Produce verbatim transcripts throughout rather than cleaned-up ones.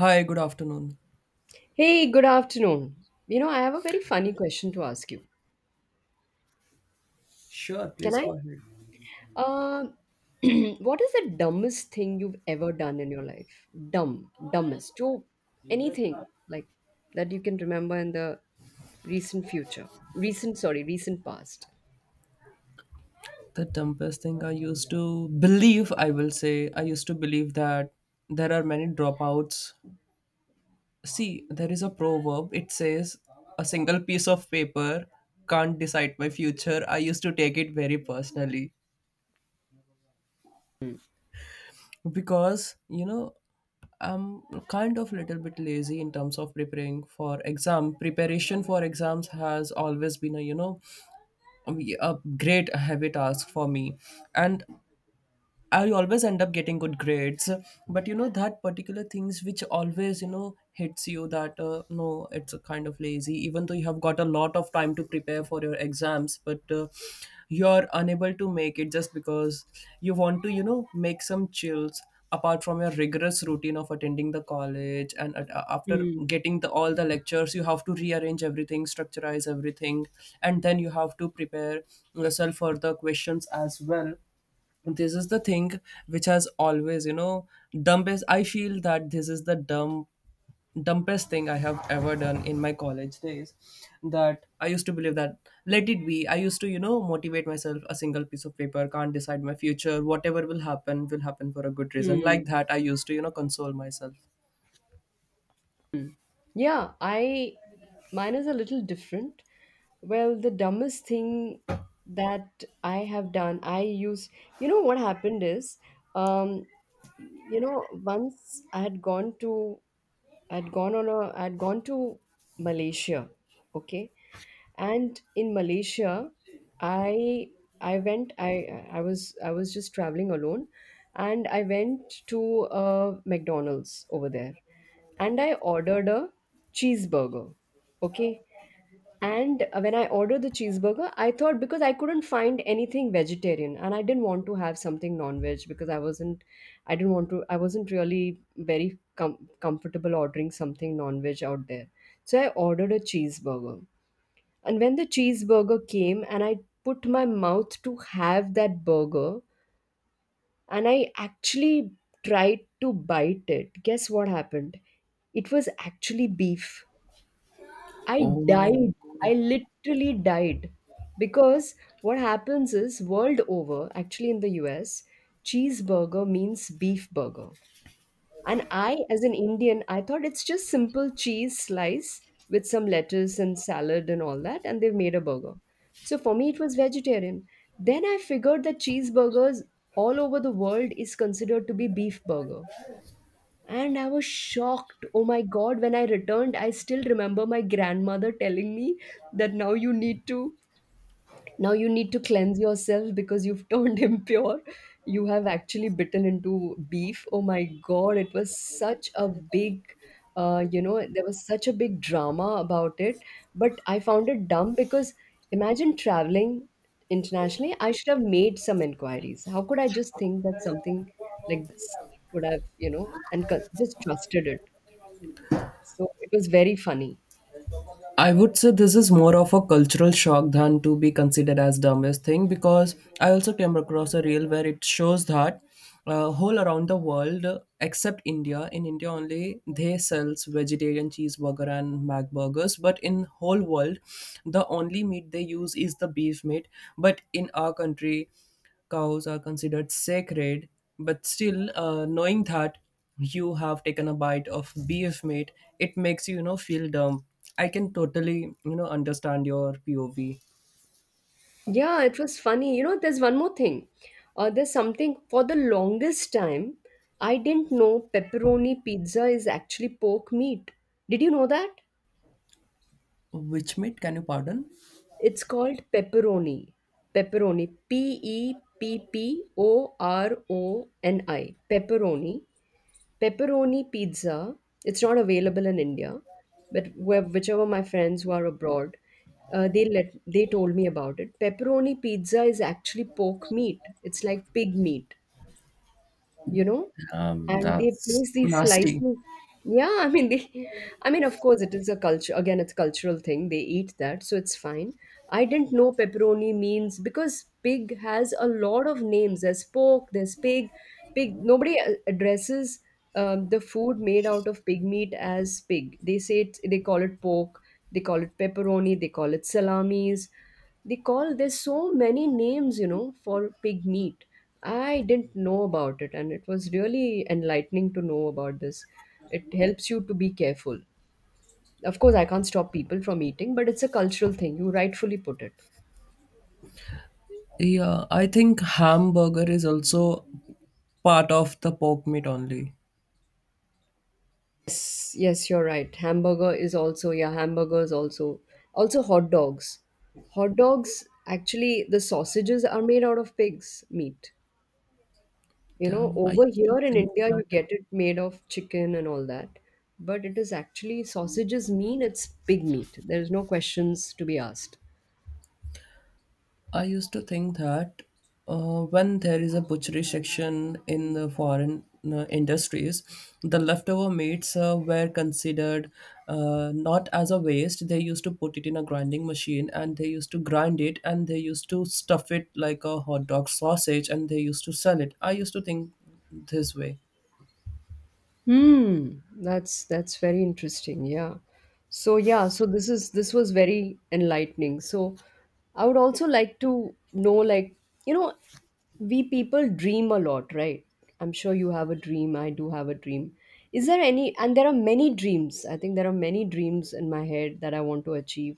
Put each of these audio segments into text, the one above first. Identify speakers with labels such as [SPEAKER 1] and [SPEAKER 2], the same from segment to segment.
[SPEAKER 1] Hi, good afternoon.
[SPEAKER 2] Hey, good afternoon. You know, I have a very funny question to ask you.
[SPEAKER 1] Sure,
[SPEAKER 2] Can
[SPEAKER 1] please
[SPEAKER 2] I?
[SPEAKER 1] go ahead.
[SPEAKER 2] Uh, what is the dumbest thing you've ever done in your life? Dumb, dumbest, jo anything like that you can remember in the recent future, recent, sorry, recent past.
[SPEAKER 1] The dumbest thing I used to believe, I will say, I used to believe that there are many dropouts. See, there is a proverb, it says, a single piece of paper can't decide my future. I used to take it very personally because, you know, I'm kind of little bit lazy in terms of preparing for exam. Preparation for exams has always been a, you know, a a great heavy task for me. And I always end up getting good grades, but you know that particular things which always you know hits you that uh, no, it's a kind of lazy. Even though you have got a lot of time to prepare for your exams, but uh, you're unable to make it just because you want to you know make some chills apart from your rigorous routine of attending the college and at, after
[SPEAKER 2] Hmm.
[SPEAKER 1] getting the, all the lectures you have to rearrange everything, structurize everything, and then you have to prepare yourself for the questions as well. This is the thing which has always, you know, dumbest I feel that this is the dumb dumbest thing I have ever done in my college days, that I used to believe that, let it be. I used to, you know, motivate myself, a single piece of paper can't decide my future, whatever will happen will happen for a good reason. Like
[SPEAKER 2] Hmm.
[SPEAKER 1] that, I used to, you know, console myself.
[SPEAKER 2] Mm. Yeah, I mine is a little different. Well, the dumbest thing that I have done, I used, you know, what happened is, um, you know, once I had gone to, I'd gone on a, I'd gone to Malaysia, okay, and in Malaysia i i went i i was I was just traveling alone, and I went to a McDonald's over there, and I ordered a cheeseburger, okay. And when I ordered the cheeseburger, I thought, because I couldn't find anything vegetarian and I didn't want to have something non-veg, because i wasn't I didn't want to, I wasn't really very com- comfortable ordering something non-veg out there. So I ordered a cheeseburger, and when the cheeseburger came, and I put my mouth to have that burger, and I actually tried to bite it, guess what happened? It was actually beef. I
[SPEAKER 1] Oh my.
[SPEAKER 2] died. I literally died. Because what happens is, world over, actually in the U S, cheeseburger means beef burger. And I, as an Indian, I thought it's just simple cheese slice with some lettuce and salad and all that, and they've made a burger. So for me, it was vegetarian. Then I figured that cheeseburgers all over the world is considered to be beef burger. And I was shocked. Oh my God, when I returned, I still remember my grandmother telling me that now you need to now you need to cleanse yourself because you've turned impure. You have actually bitten into beef. Oh my God, it was such a big, uh, you know, there was such a big drama about it. But I found it dumb because, imagine traveling internationally, I should have made some inquiries. How could I just think that something like this would have, you know, and co- just trusted it. So it was very funny.
[SPEAKER 1] I would say this is more of a cultural shock than to be considered as dumbest thing, because I also came across a reel where it shows that uh, whole around the world uh, except India, in India only they sells vegetarian cheeseburger and mac burgers, but in whole world the only meat they use is the beef meat. But in our country, cows are considered sacred, but still, uh, knowing that you have taken a bite of beef meat, it makes you, you know, feel dumb. I can totally, you know, understand your P O V.
[SPEAKER 2] Yeah, it was funny. You know, there's one more thing. Uh, there's something for the longest time, I didn't know pepperoni pizza is actually pork meat. Did you know that?
[SPEAKER 1] Which meat can you pardon?
[SPEAKER 2] It's called pepperoni. Pepperoni. P E P P O R O N I. Pepperoni. Pepperoni pizza. It's not available in India, but where, whichever, my friends who are abroad, uh, they let they told me about it. Pepperoni pizza is actually pork meat. It's like pig meat, you know,
[SPEAKER 1] Um,
[SPEAKER 2] and they
[SPEAKER 1] that's
[SPEAKER 2] place these
[SPEAKER 1] nasty.
[SPEAKER 2] slices. Yeah, i mean they I mean, of course it is a culture, again it's a cultural thing, they eat that, so it's fine. I didn't know pepperoni means, because pig has a lot of names. There's pork, there's pig. Pig, nobody uh, addresses, um, the food made out of pig meat as pig. They say it they call it pork, they call it pepperoni, they call it salamis, they call there's so many names, you know, for pig meat. I didn't know about it, and it was really enlightening to know about this. It helps you to be careful. Of course, I can't stop people from eating, but it's a cultural thing, you rightfully put it.
[SPEAKER 1] Yeah, I think hamburger is also part of the pork meat only.
[SPEAKER 2] Yes, you're right, hamburger is also, yeah, hamburgers also, also hot dogs. Hot dogs actually, the sausages are made out of pig's meat. You know,
[SPEAKER 1] Damn, I
[SPEAKER 2] over
[SPEAKER 1] used
[SPEAKER 2] here
[SPEAKER 1] to
[SPEAKER 2] in
[SPEAKER 1] think
[SPEAKER 2] India,
[SPEAKER 1] that.
[SPEAKER 2] you get it made of chicken and all that. But it is actually sausages mean, it's pig meat. There's no questions to be asked.
[SPEAKER 1] I used to think that uh, when there is a butchery section in the foreign uh, industries, the leftover meats uh, were considered uh, not as a waste. They used to put it in a grinding machine and they used to grind it and they used to stuff it like a hot dog sausage and they used to sell it. I used to think this way.
[SPEAKER 2] Hmm, that's that's very interesting. Yeah. So yeah, so this is this was very enlightening. So I would also like to know, like, you know, we people dream a lot, right? I'm sure you have a dream, I do have a dream. Is there any and there are many dreams. I think there are many dreams in my head that I want to achieve.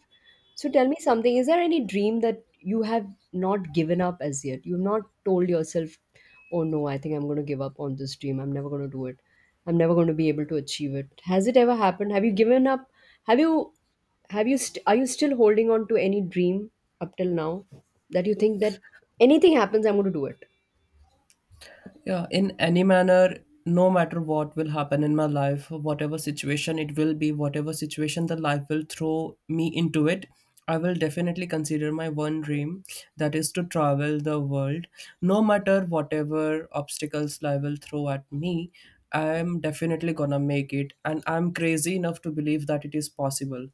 [SPEAKER 2] So tell me something, is there any dream that you have not given up as yet? You've not told yourself, oh no, I think I'm going to give up on this dream. I'm never going to do it. I'm never going to be able to achieve it. Has it ever happened? Have you given up? Have you, have you, st- are you still holding on to any dream up till now that you think that, anything happens, I'm going to do it?
[SPEAKER 1] Yeah, in any manner, no matter what will happen in my life, whatever situation it will be, whatever situation the life will throw me into it, I will definitely consider my one dream, that is to travel the world. No matter whatever obstacles life will throw at me, I am definitely gonna make it, and I'm crazy enough to believe that it is possible.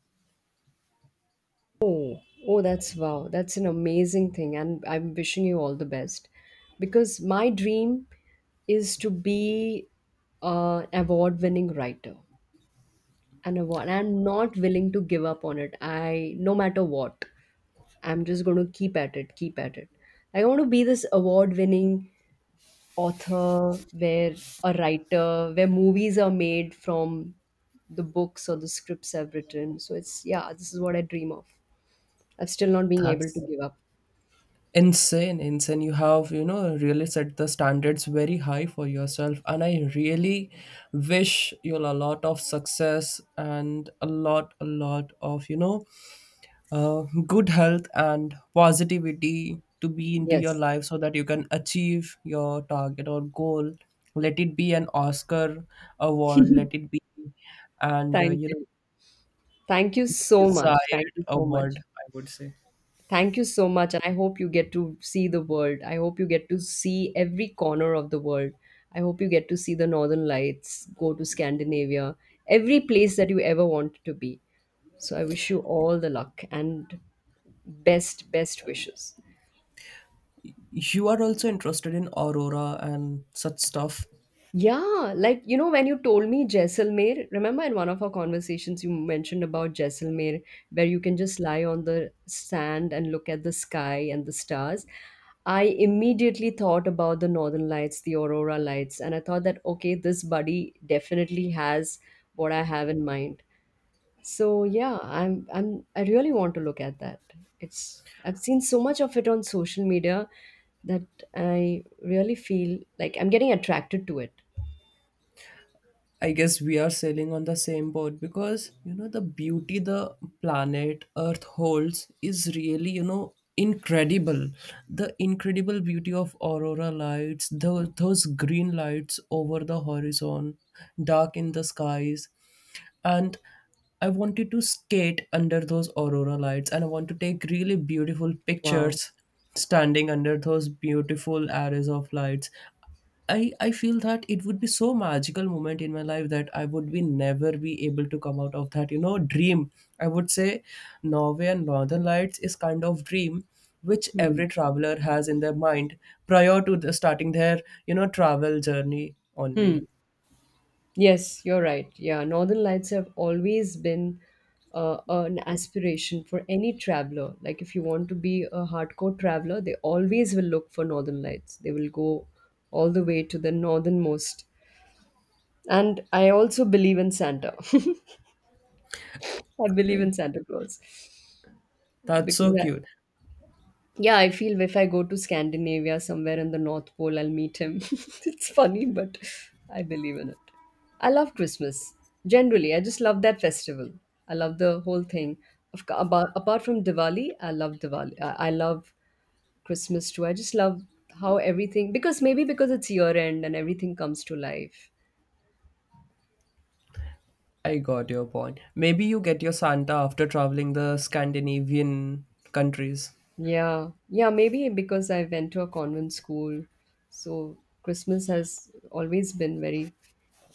[SPEAKER 2] Oh, oh, that's wow. That's an amazing thing. And I'm wishing you all the best, because my dream is to be an award winning writer. And award. I'm not willing to give up on it. I, no matter what. I'm just going to keep at it, keep at it. I want to be this award winning author where a writer, where movies are made from the books or the scripts I've written. So it's, yeah, this is what I dream of. I am still not being able to
[SPEAKER 1] That's
[SPEAKER 2] give up.
[SPEAKER 1] insane, insane. You have, you know, really set the standards very high for yourself. And I really wish you all a lot of success and a lot, a lot of, you know, uh, good health and positivity to be into your
[SPEAKER 2] Yes.
[SPEAKER 1] life so that you can achieve your target or goal. Let it be an Oscar award, let it be, and, uh,
[SPEAKER 2] Thank
[SPEAKER 1] you know,
[SPEAKER 2] you. Thank you so much. Thank
[SPEAKER 1] desired
[SPEAKER 2] you so much.
[SPEAKER 1] award, I would say.
[SPEAKER 2] Thank you so much. And I hope you get to see the world. I hope you get to see every corner of the world. I hope you get to see the Northern Lights, go to Scandinavia, every place that you ever want to be. So I wish you all the luck and best, best wishes.
[SPEAKER 1] You are also interested in aurora and such stuff.
[SPEAKER 2] Yeah, like you know, when you told me Jaisalmer, remember in one of our conversations you mentioned about Jaisalmer, where you can just lie on the sand and look at the sky and the stars. I immediately thought about the Northern Lights, the aurora lights, and I thought that, okay, this buddy definitely has what I have in mind. So yeah, I'm I'm I really want to look at that. It's I've seen so much of it on social media that I really feel like I'm getting attracted to it.
[SPEAKER 1] I guess we are sailing on the same boat, because you know the beauty the planet Earth holds is really, you know, incredible. The incredible beauty of aurora lights, the those green lights over the horizon, dark in the skies, and I wanted to skate under those aurora lights, and I want to take really beautiful
[SPEAKER 2] Wow.
[SPEAKER 1] pictures standing under those beautiful arrays of lights. I, I feel that it would be so magical moment in my life that I would be never be able to come out of that, you know, dream. I would say Norway and Northern Lights is kind of dream which
[SPEAKER 2] Hmm.
[SPEAKER 1] every traveler has in their mind prior to the starting their, you know, travel journey
[SPEAKER 2] Hmm.
[SPEAKER 1] only.
[SPEAKER 2] Yes, you're right. Yeah, Northern Lights have always been uh, an aspiration for any traveler. Like, if you want to be a hardcore traveler, they always will look for Northern Lights. They will go all the way to the northernmost. And I also believe in Santa. I believe
[SPEAKER 1] Great,
[SPEAKER 2] in Santa Claus
[SPEAKER 1] that's so
[SPEAKER 2] because I,
[SPEAKER 1] cute.
[SPEAKER 2] yeah, I feel if I go to Scandinavia somewhere in the North Pole, I'll meet him. It's funny, but I believe in it. I love Christmas. Generally, I just love that festival. I love the whole thing. Of, co- about, apart from Diwali, I love Diwali. I, I love Christmas too. I just love how everything, because maybe because it's year end and everything comes to life.
[SPEAKER 1] I got your point. Maybe you get your Santa after traveling the Scandinavian countries.
[SPEAKER 2] Yeah, yeah, maybe because I went to a convent school. So Christmas has always been very,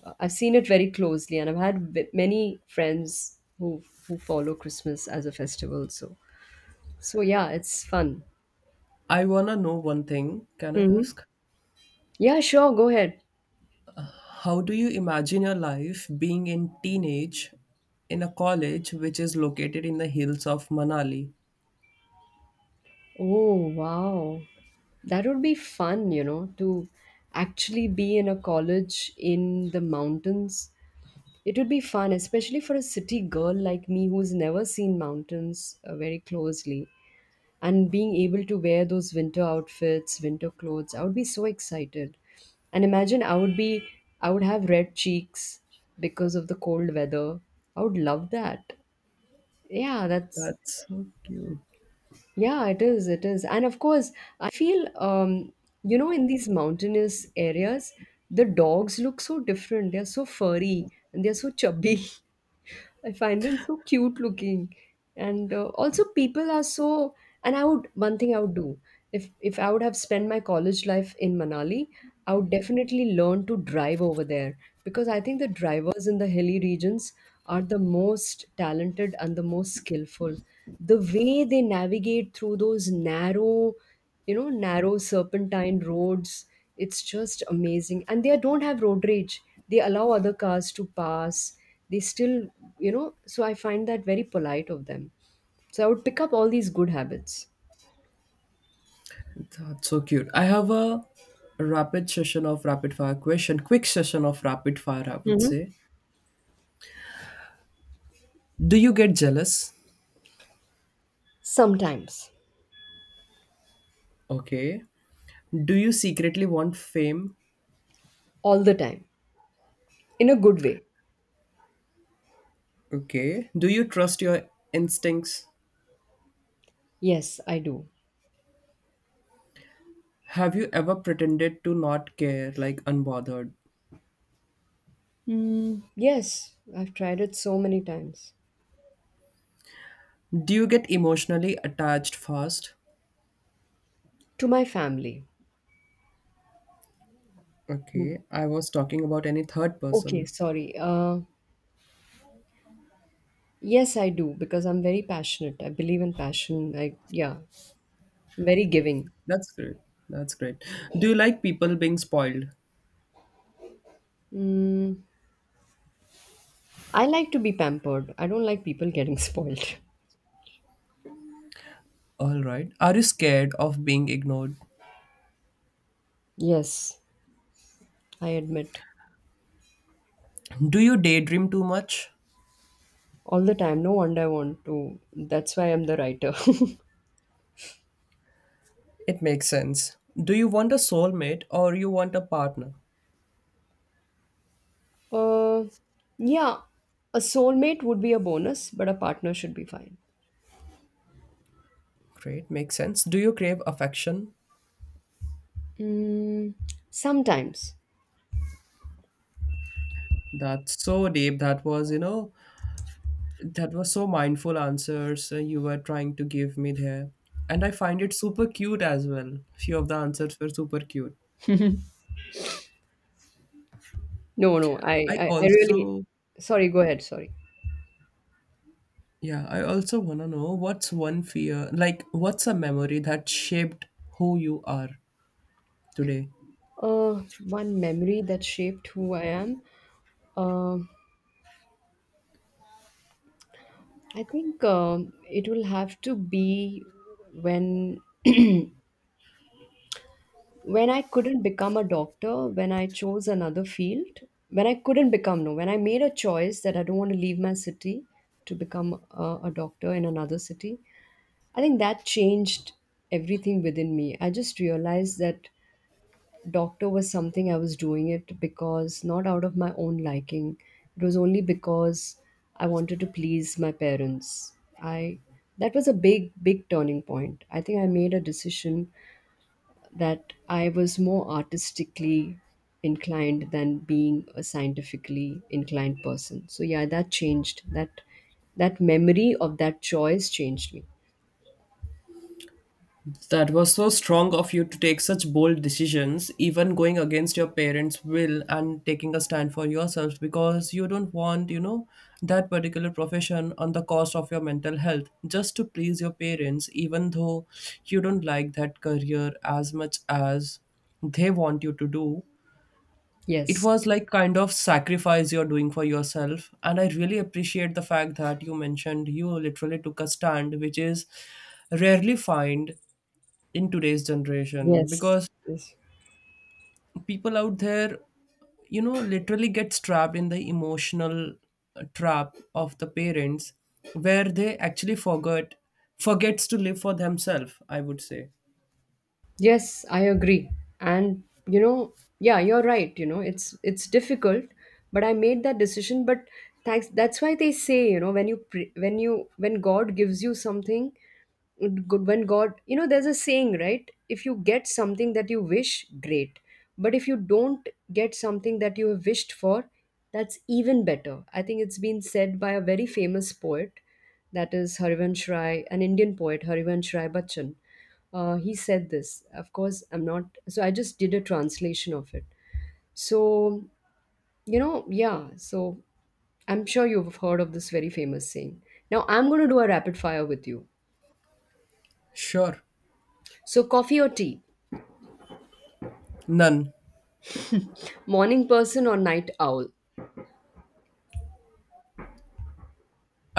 [SPEAKER 2] uh, I've seen it very closely, and I've had v- many friends who who follow Christmas as a festival. So so yeah, it's fun.
[SPEAKER 1] I wanna know one thing. Can I
[SPEAKER 2] Hmm.
[SPEAKER 1] ask?
[SPEAKER 2] Yeah, sure. Go ahead.
[SPEAKER 1] How do you imagine your life being in teenage in a college which is located in the hills of Manali?
[SPEAKER 2] Oh wow, that would be fun. You know, to actually be in a college in the mountains. It would be fun, especially for a city girl like me who's never seen mountains uh, very closely. And being able to wear those winter outfits, winter clothes, I would be so excited. And imagine I would be, I would have red cheeks because of the cold weather. I would love that. Yeah, that's,
[SPEAKER 1] That's so cute.
[SPEAKER 2] yeah, it is, it is. And of course, I feel um you know, in these mountainous areas, the dogs look so different. They're so furry and they're so chubby. I find them so cute looking, and uh, also people are so. And I would, one thing I would do, if if I would have spent my college life in Manali, I would definitely learn to drive over there, because I think the drivers in the hilly regions are the most talented and the most skillful. The way they navigate through those narrow you know narrow serpentine roads, it's just amazing, and they don't have road rage. They allow other cars to pass. They still, you know, so I find that very polite of them. So I would pick up all these good habits.
[SPEAKER 1] That's so cute. I have a rapid session of rapid fire question, quick session of rapid fire, I would
[SPEAKER 2] Hmm.
[SPEAKER 1] say. Do you get jealous?
[SPEAKER 2] Sometimes.
[SPEAKER 1] Okay. Do you secretly want fame?
[SPEAKER 2] All the time, in a good way.
[SPEAKER 1] Okay. Do you trust your instincts?
[SPEAKER 2] Yes, I do.
[SPEAKER 1] Have you ever pretended to not care, like unbothered?
[SPEAKER 2] Mm, yes, I've tried it so many times.
[SPEAKER 1] Do you get emotionally attached fast?
[SPEAKER 2] To my family.
[SPEAKER 1] Okay. I was talking about any third
[SPEAKER 2] Okay,
[SPEAKER 1] person.
[SPEAKER 2] sorry, uh yes I do, because I'm very passionate. I believe in passion i Yeah. Very giving.
[SPEAKER 1] That's great. That's great. Do you like people being spoiled?
[SPEAKER 2] I like to be pampered. I don't like people getting spoiled.
[SPEAKER 1] All right. Are you scared of being ignored?
[SPEAKER 2] Yes, I admit.
[SPEAKER 1] Do you daydream too much?
[SPEAKER 2] All the time. No wonder I want to. That's why I'm the writer.
[SPEAKER 1] It makes sense. Do you want a soulmate or you want a partner?
[SPEAKER 2] uh, yeah, a soulmate would be a bonus, but a partner should be fine.
[SPEAKER 1] Great, makes sense. Do you crave affection?
[SPEAKER 2] Mm, sometimes.
[SPEAKER 1] That's so deep. That was, you know, that was so mindful answers uh, you were trying to give me there. And I find it super cute as well. Few of the answers were super cute.
[SPEAKER 2] No, no, I,
[SPEAKER 1] I
[SPEAKER 2] I, I really.
[SPEAKER 1] also,
[SPEAKER 2] Sorry, go ahead. Sorry.
[SPEAKER 1] yeah, I also want to know what's one fear, like what's a memory that shaped who you are today?
[SPEAKER 2] Uh, one memory that shaped who I am. Um I think um it will have to be when when I couldn't become a doctor, when I chose another field, when I couldn't become, no, when I made a choice that I don't want to leave my city to become a, a doctor in another city. I think that changed everything within me. I just realized that doctor was something I was doing it because not out of my own liking. It was only because I wanted to please my parents. I That was a big, big turning point. I think I made a decision that I was more artistically inclined than being a scientifically inclined person. So yeah, that changed. That that memory of that choice changed me.
[SPEAKER 1] That was so strong of you to take such bold decisions, even going against your parents' will and taking a stand for yourselves, because you don't want, you know, that particular profession on the cost of your mental health just to please your parents, even though you don't like that career as much as they want you to do. It
[SPEAKER 2] Yes.
[SPEAKER 1] was like kind of sacrifice you're doing for yourself. And I really appreciate the fact that you mentioned you literally took a stand, which is rarely find in today's generation,
[SPEAKER 2] Yes.
[SPEAKER 1] because
[SPEAKER 2] Yes.
[SPEAKER 1] people out there, you know, literally gets trapped in the emotional uh, trap of the parents, where they actually forget, forgets to live for themselves, I would say.
[SPEAKER 2] Yes, I agree. And you know, yeah, you're right. You know, it's it's difficult, but I made that decision. But thanks. That's why they say, you know, when you pre- when you when God gives you something, good when God, you know, there's a saying, right? If you get something that you wish, great. But if you don't get something that you have wished for, that's even better. I think it's been said by a very famous poet, that is Harivansh Rai, an Indian poet, Harivansh Rai Bachchan. Uh, he said this. Of course, I'm not so I just did a translation of it. So you know yeah. So I'm sure you've heard of this very famous saying. Now I'm going to do a rapid fire with you.
[SPEAKER 1] Sure.
[SPEAKER 2] So coffee or tea?
[SPEAKER 1] None.
[SPEAKER 2] Morning person or night owl?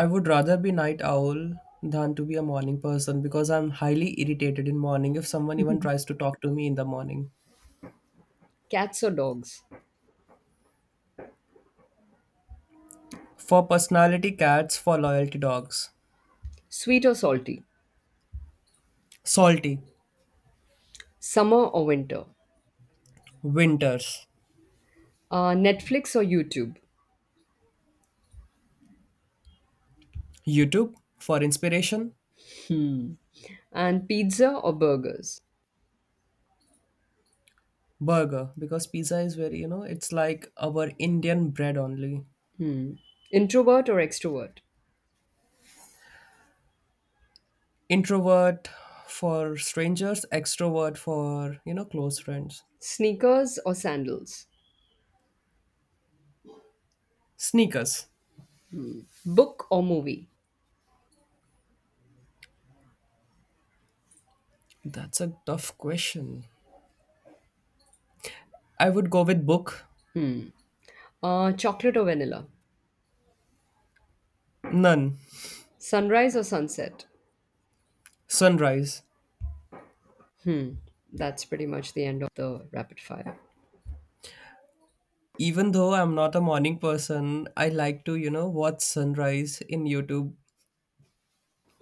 [SPEAKER 1] I would rather be night owl than to be a morning person because I'm highly irritated in morning if someone even tries to talk to me in the morning.
[SPEAKER 2] Cats or dogs?
[SPEAKER 1] For personality cats, for loyalty dogs.
[SPEAKER 2] Sweet or salty?
[SPEAKER 1] Salty.
[SPEAKER 2] Summer or winter?
[SPEAKER 1] Winters.
[SPEAKER 2] Uh, netflix or YouTube?
[SPEAKER 1] YouTube for inspiration.
[SPEAKER 2] And pizza or burgers?
[SPEAKER 1] Burger, because pizza is very, you know, it's like our Indian bread only.
[SPEAKER 2] Introvert or extrovert?
[SPEAKER 1] Introvert for strangers, extrovert for, you know, close friends.
[SPEAKER 2] Sneakers or sandals?
[SPEAKER 1] Sneakers.
[SPEAKER 2] Book or movie?
[SPEAKER 1] That's a tough question. I would go with book.
[SPEAKER 2] Uh, chocolate or vanilla?
[SPEAKER 1] None.
[SPEAKER 2] Sunrise or sunset?
[SPEAKER 1] Sunrise.
[SPEAKER 2] That's pretty much the end of the rapid fire.
[SPEAKER 1] Even though I'm not a morning person, I like to, you know, watch sunrise in YouTube,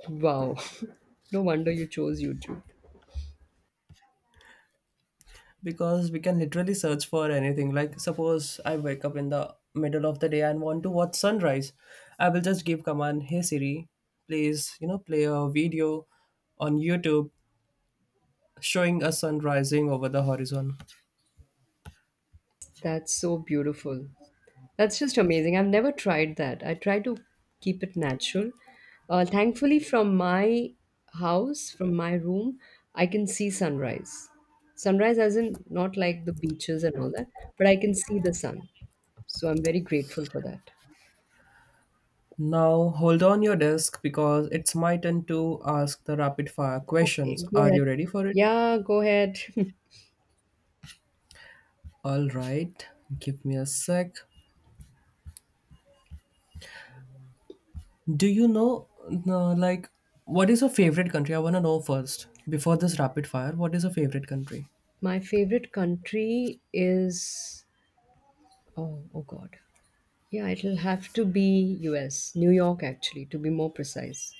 [SPEAKER 2] Wow. No wonder you chose YouTube.
[SPEAKER 1] because we can literally search for anything. Like suppose I wake up in the middle of the day and want to watch sunrise, I will just give command, hey Siri, please, you know, play a video on YouTube showing a sun rising over the horizon.
[SPEAKER 2] That's so beautiful. That's just amazing. I've never tried that. I try to keep it natural. Uh, thankfully, from my house, from my room, I can see sunrise. Sunrise, as in not like the beaches and all that, but I can see the sun. So I'm very grateful for that.
[SPEAKER 1] Now hold on your desk because it's my turn to ask the rapid fire
[SPEAKER 2] Okay,
[SPEAKER 1] questions.
[SPEAKER 2] go
[SPEAKER 1] Are
[SPEAKER 2] ahead.
[SPEAKER 1] you ready for it?
[SPEAKER 2] Yeah, go ahead.
[SPEAKER 1] All right, give me a sec. Do you know, uh, like, what is your favorite country? I want to know first, before this rapid fire, what is your favorite country?
[SPEAKER 2] My favorite country is oh oh god. Yeah, it'll have to be U S, New York actually, to be more precise.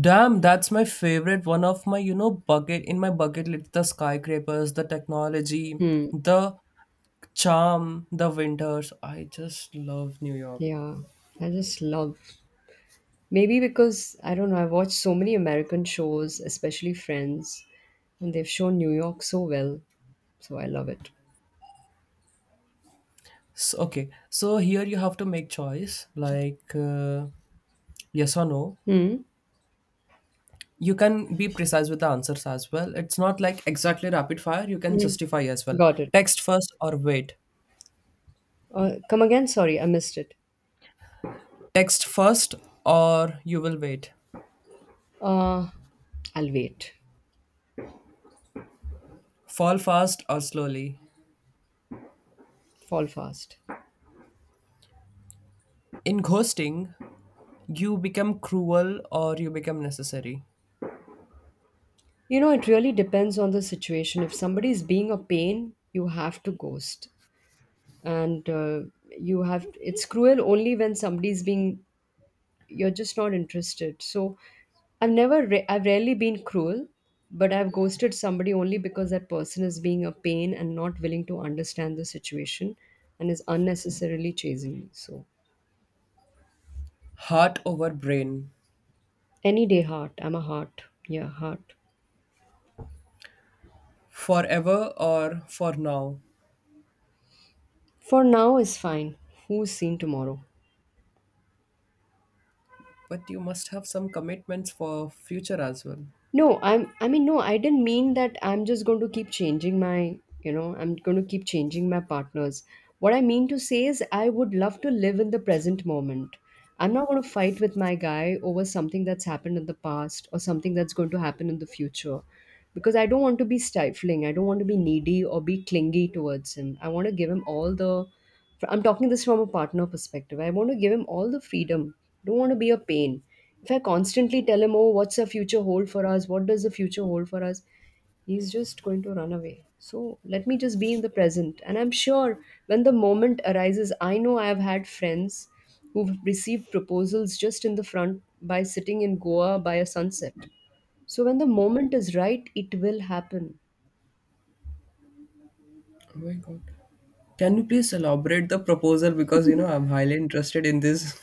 [SPEAKER 1] Damn, that's my favorite. One of my, you know, bucket, in my bucket list, the skyscrapers, the technology,
[SPEAKER 2] Hmm.
[SPEAKER 1] the charm, the winters. I just love New York.
[SPEAKER 2] Yeah. I just love, maybe because I don't know, I've watched so many American shows, especially Friends, and they've shown New York so well. So I love it.
[SPEAKER 1] So, okay, so here you have to make choice like uh, yes or no.
[SPEAKER 2] Hmm.
[SPEAKER 1] You can be precise with the answers as well. It's not like exactly rapid fire. You can
[SPEAKER 2] Hmm.
[SPEAKER 1] justify as well.
[SPEAKER 2] Got it.
[SPEAKER 1] Text first or wait.
[SPEAKER 2] Uh, come again, sorry, I missed it.
[SPEAKER 1] Text first or you will wait.
[SPEAKER 2] Uh I'll wait.
[SPEAKER 1] Fall fast or slowly.
[SPEAKER 2] Fall fast.
[SPEAKER 1] In ghosting, you become cruel or you become necessary.
[SPEAKER 2] You know, it really depends on the situation. If somebody is being a pain, you have to ghost. And uh, you have, it's cruel only when somebody is being, you're just not interested. So I've never, ra- I've rarely been cruel, but I've ghosted somebody only because that person is being a pain and not willing to understand the situation and is unnecessarily chasing me. So
[SPEAKER 1] Heart over brain.
[SPEAKER 2] any day, heart. I'm a heart. Yeah, heart.
[SPEAKER 1] Forever or for now.
[SPEAKER 2] For now is fine. Who's seen tomorrow?
[SPEAKER 1] But you must have some commitments for future as well.
[SPEAKER 2] No, I'm I mean no, I didn't mean that I'm just going to keep changing my, you know, I'm going to keep changing my partners. What I mean to say is I would love to live in the present moment. I'm not going to fight with my guy over something that's happened in the past or something that's going to happen in the future because I don't want to be stifling. I don't want to be needy or be clingy towards him. I want to give him all the fr- I'm talking this from a partner perspective. I want to give him all the freedom. Don't want to be a pain. If I constantly tell him, "Oh, what's the future hold for us? What does the future hold for us?" He's just going to run away. So let me just be in the present. And I'm sure when the moment arises, I know I've had friends who've received proposals just in the front by sitting in Goa by a sunset. So when the moment is right, it will happen.
[SPEAKER 1] Oh my god. Can you please elaborate the proposal, because you know I'm highly interested in this.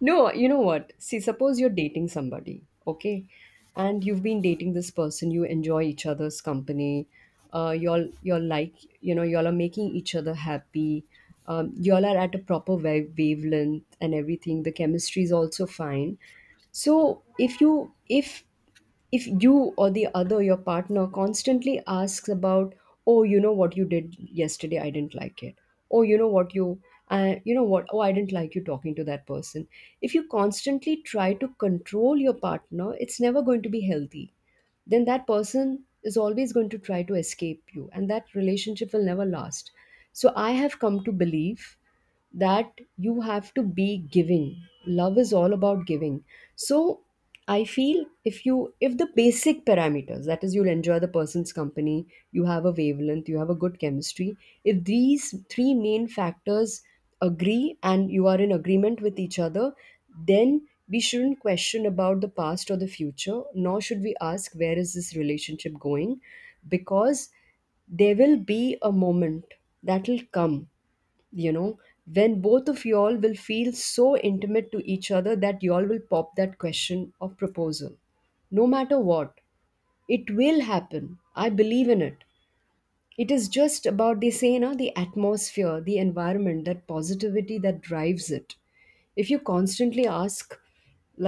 [SPEAKER 2] No, you know what? See, suppose you're dating somebody, okay? And you've been dating this person, you enjoy each other's company, uh, y'all you're like, you know, y'all are making each other happy, um, y'all are at a proper wa- wavelength and everything. The chemistry is also fine. So if you if if you or the other, your partner, constantly asks about, oh, you know what you did yesterday, I didn't like it. Oh, you know what you, uh, you know what, oh, I didn't like you talking to that person. If you constantly try to control your partner, it's never going to be healthy, then that person is always going to try to escape you, and that relationship will never last. So I have come to believe that you have to be giving. Love is all about giving. So I feel, if you if the basic parameters, that is, you'll enjoy the person's company, you have a wavelength, you have a good chemistry, if these three main factors agree and you are in agreement with each other, then we shouldn't question about the past or the future, nor should we ask where is this relationship going, because there will be a moment that will come, you know, when both of y'all will feel so intimate to each other that y'all will pop that question of proposal. No matter what, it will happen. I believe in it. It is just about, they say, you know, the atmosphere, the environment, that positivity that drives it. If you constantly ask,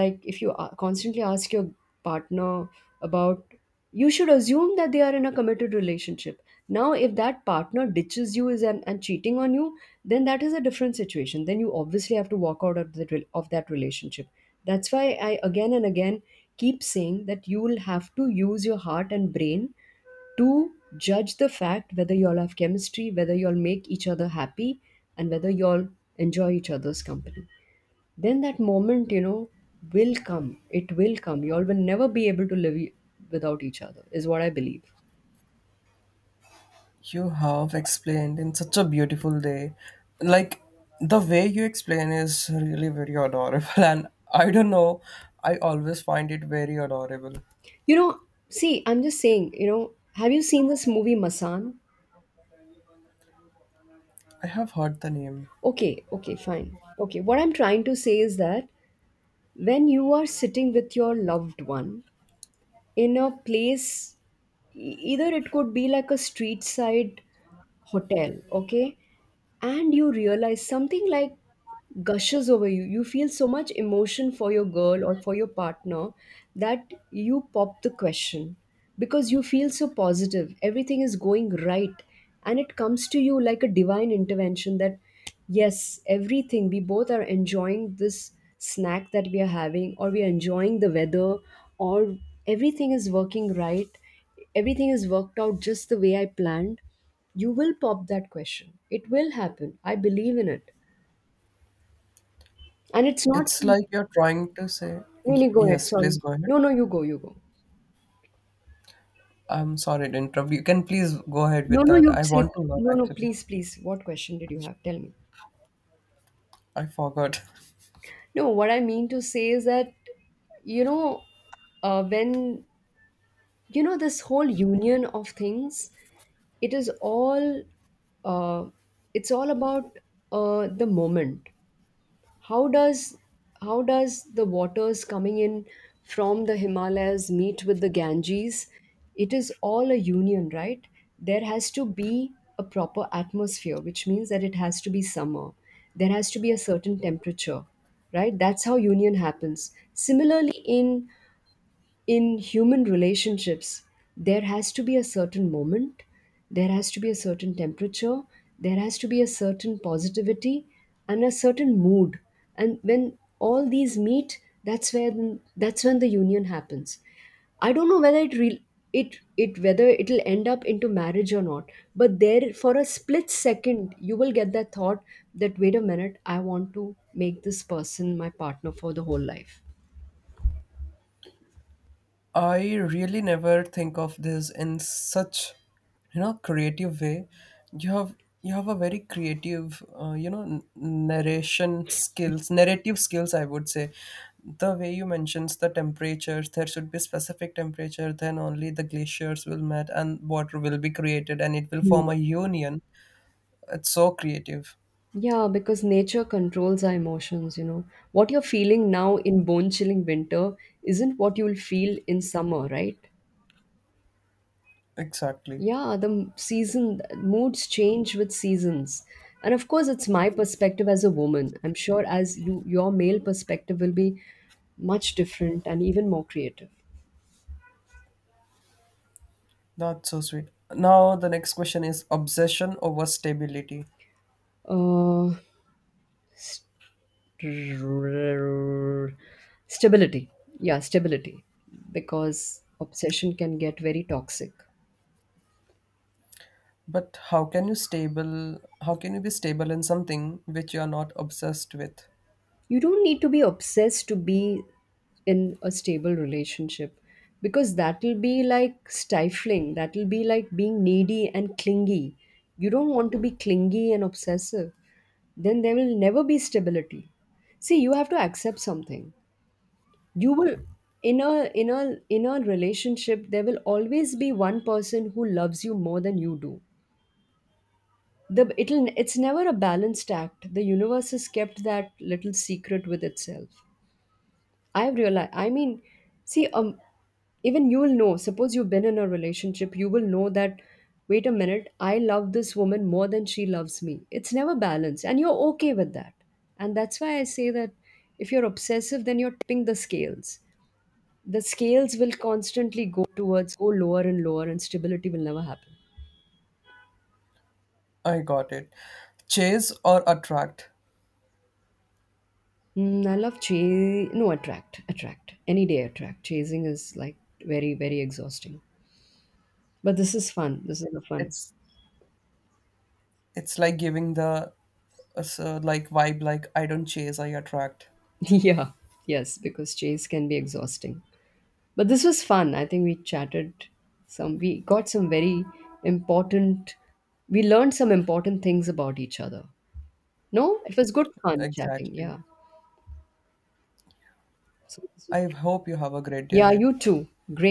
[SPEAKER 2] like if you a- constantly ask your partner about, you should assume that they are in a committed relationship. Now if that partner ditches you is and, and cheating on you, then that is a different situation, then you obviously have to walk out of the rel- of that relationship. That's why I, again and again, keep saying that you will have to use your heart and brain to judge the fact whether y'all have chemistry, whether y'all make each other happy, and whether y'all enjoy each other's company. Then that moment, you know, will come. It will come. Y'all will never be able to live e- without each other, is what I believe.
[SPEAKER 1] You have explained in such a beautiful day. Like the way you explain is really very adorable and I don't know, I always find it very adorable.
[SPEAKER 2] You know, see, I'm just saying, you know, have you seen this movie Masan?
[SPEAKER 1] I have heard the name.
[SPEAKER 2] Okay, okay, fine. Okay, what I'm trying to say is that when you are sitting with your loved one in a place, e- either it could be like a street side hotel, okay, and you realize something like gushes over you, you feel so much emotion for your girl or for your partner, that you pop the question because you feel so positive, everything is going right, and it comes to you like a divine intervention that yes, everything, we both are enjoying this snack that we are having, or we are enjoying the weather, or everything is working right, everything is worked out just the way I planned, you will pop that question. It will happen. I believe in it. And it's not.
[SPEAKER 1] It's
[SPEAKER 2] Some-
[SPEAKER 1] like you're trying to say, y-
[SPEAKER 2] No, no, go ahead.
[SPEAKER 1] yes, please
[SPEAKER 2] Sorry.
[SPEAKER 1] go ahead.
[SPEAKER 2] No, no, you go. You go.
[SPEAKER 1] I'm sorry to interrupt. You can please go ahead
[SPEAKER 2] No,
[SPEAKER 1] with
[SPEAKER 2] no,
[SPEAKER 1] that.
[SPEAKER 2] you
[SPEAKER 1] I
[SPEAKER 2] say.
[SPEAKER 1] want to learn
[SPEAKER 2] No, no,
[SPEAKER 1] actually.
[SPEAKER 2] please, please. What question did you have? Tell me.
[SPEAKER 1] I forgot.
[SPEAKER 2] No, what I mean to say is that, you know, uh, when, you know, this whole union of things, it is all, uh, it's all about uh, the moment. How does how does the waters coming in from the Himalayas meet with the Ganges? It is all a union, right? There has to be a proper atmosphere, which means that it has to be summer. There has to be a certain temperature, right? That's how union happens. Similarly, in in human relationships, there has to be a certain moment, there has to be a certain temperature, there has to be a certain positivity and a certain mood. And when all these meet, that's when that's when the union happens. I don't know whether it re- it it whether it'll end up into marriage or not, but there for a split second you will get that thought, that wait a minute, I want to make this person my partner for the whole life.
[SPEAKER 1] I really never think of this in such, you know, creative way. You have you have a very creative, uh, you know, n- narration skills, narrative skills, I would say, the way you mentions the temperatures, there should be specific temperature. Then only the glaciers will melt and water will be created, and it will form
[SPEAKER 2] Hmm.
[SPEAKER 1] a union. It's so creative.
[SPEAKER 2] Yeah, because nature controls our emotions, you know. What you're feeling now in bone chilling winter isn't what you'll feel in summer, right?
[SPEAKER 1] Exactly.
[SPEAKER 2] Yeah, the m- season moods change with seasons. And of course, it's my perspective as a woman. I'm sure as you, your male perspective will be much different and even more creative.
[SPEAKER 1] That's so sweet. Now the next question is obsession over stability.
[SPEAKER 2] Uh, Stability. Yeah, stability. Because obsession can get very toxic.
[SPEAKER 1] But how can you stable how can you be stable in something which you are not obsessed with?
[SPEAKER 2] You don't need to be obsessed to be in a stable relationship, because that'll be like stifling, that'll be like being needy and clingy. You don't want to be clingy and obsessive, then there will never be stability. See, you have to accept something. You will, in a in a in a relationship, there will always be one person who loves you more than you do. The It'll, it's never a balanced act, the universe has kept that little secret with itself. I've realized, I mean, see, um, even you'll know, suppose you've been in a relationship, you will know that, wait a minute, I love this woman more than she loves me. It's never balanced, and you're okay with that. And that's why I say that if you're obsessive, then you're tipping the scales. The scales will constantly go towards, go lower and lower, and stability will never happen.
[SPEAKER 1] I got it. Chase or attract.
[SPEAKER 2] Mm, I love chase. No, attract, attract. Any day, attract. Chasing is like very, very exhausting. But this is fun. This is a fun.
[SPEAKER 1] It's it's like giving the uh, so like vibe like I don't chase, I attract.
[SPEAKER 2] Yeah, yes, because chase can be exhausting. But this was fun. I think we chatted some, we got some very important, we learned some important things about each other. No, it was good fun chatting.
[SPEAKER 1] Exactly.
[SPEAKER 2] Yeah. So this was
[SPEAKER 1] I
[SPEAKER 2] great.
[SPEAKER 1] hope you have a great day
[SPEAKER 2] Yeah,
[SPEAKER 1] ahead.
[SPEAKER 2] you too. Great.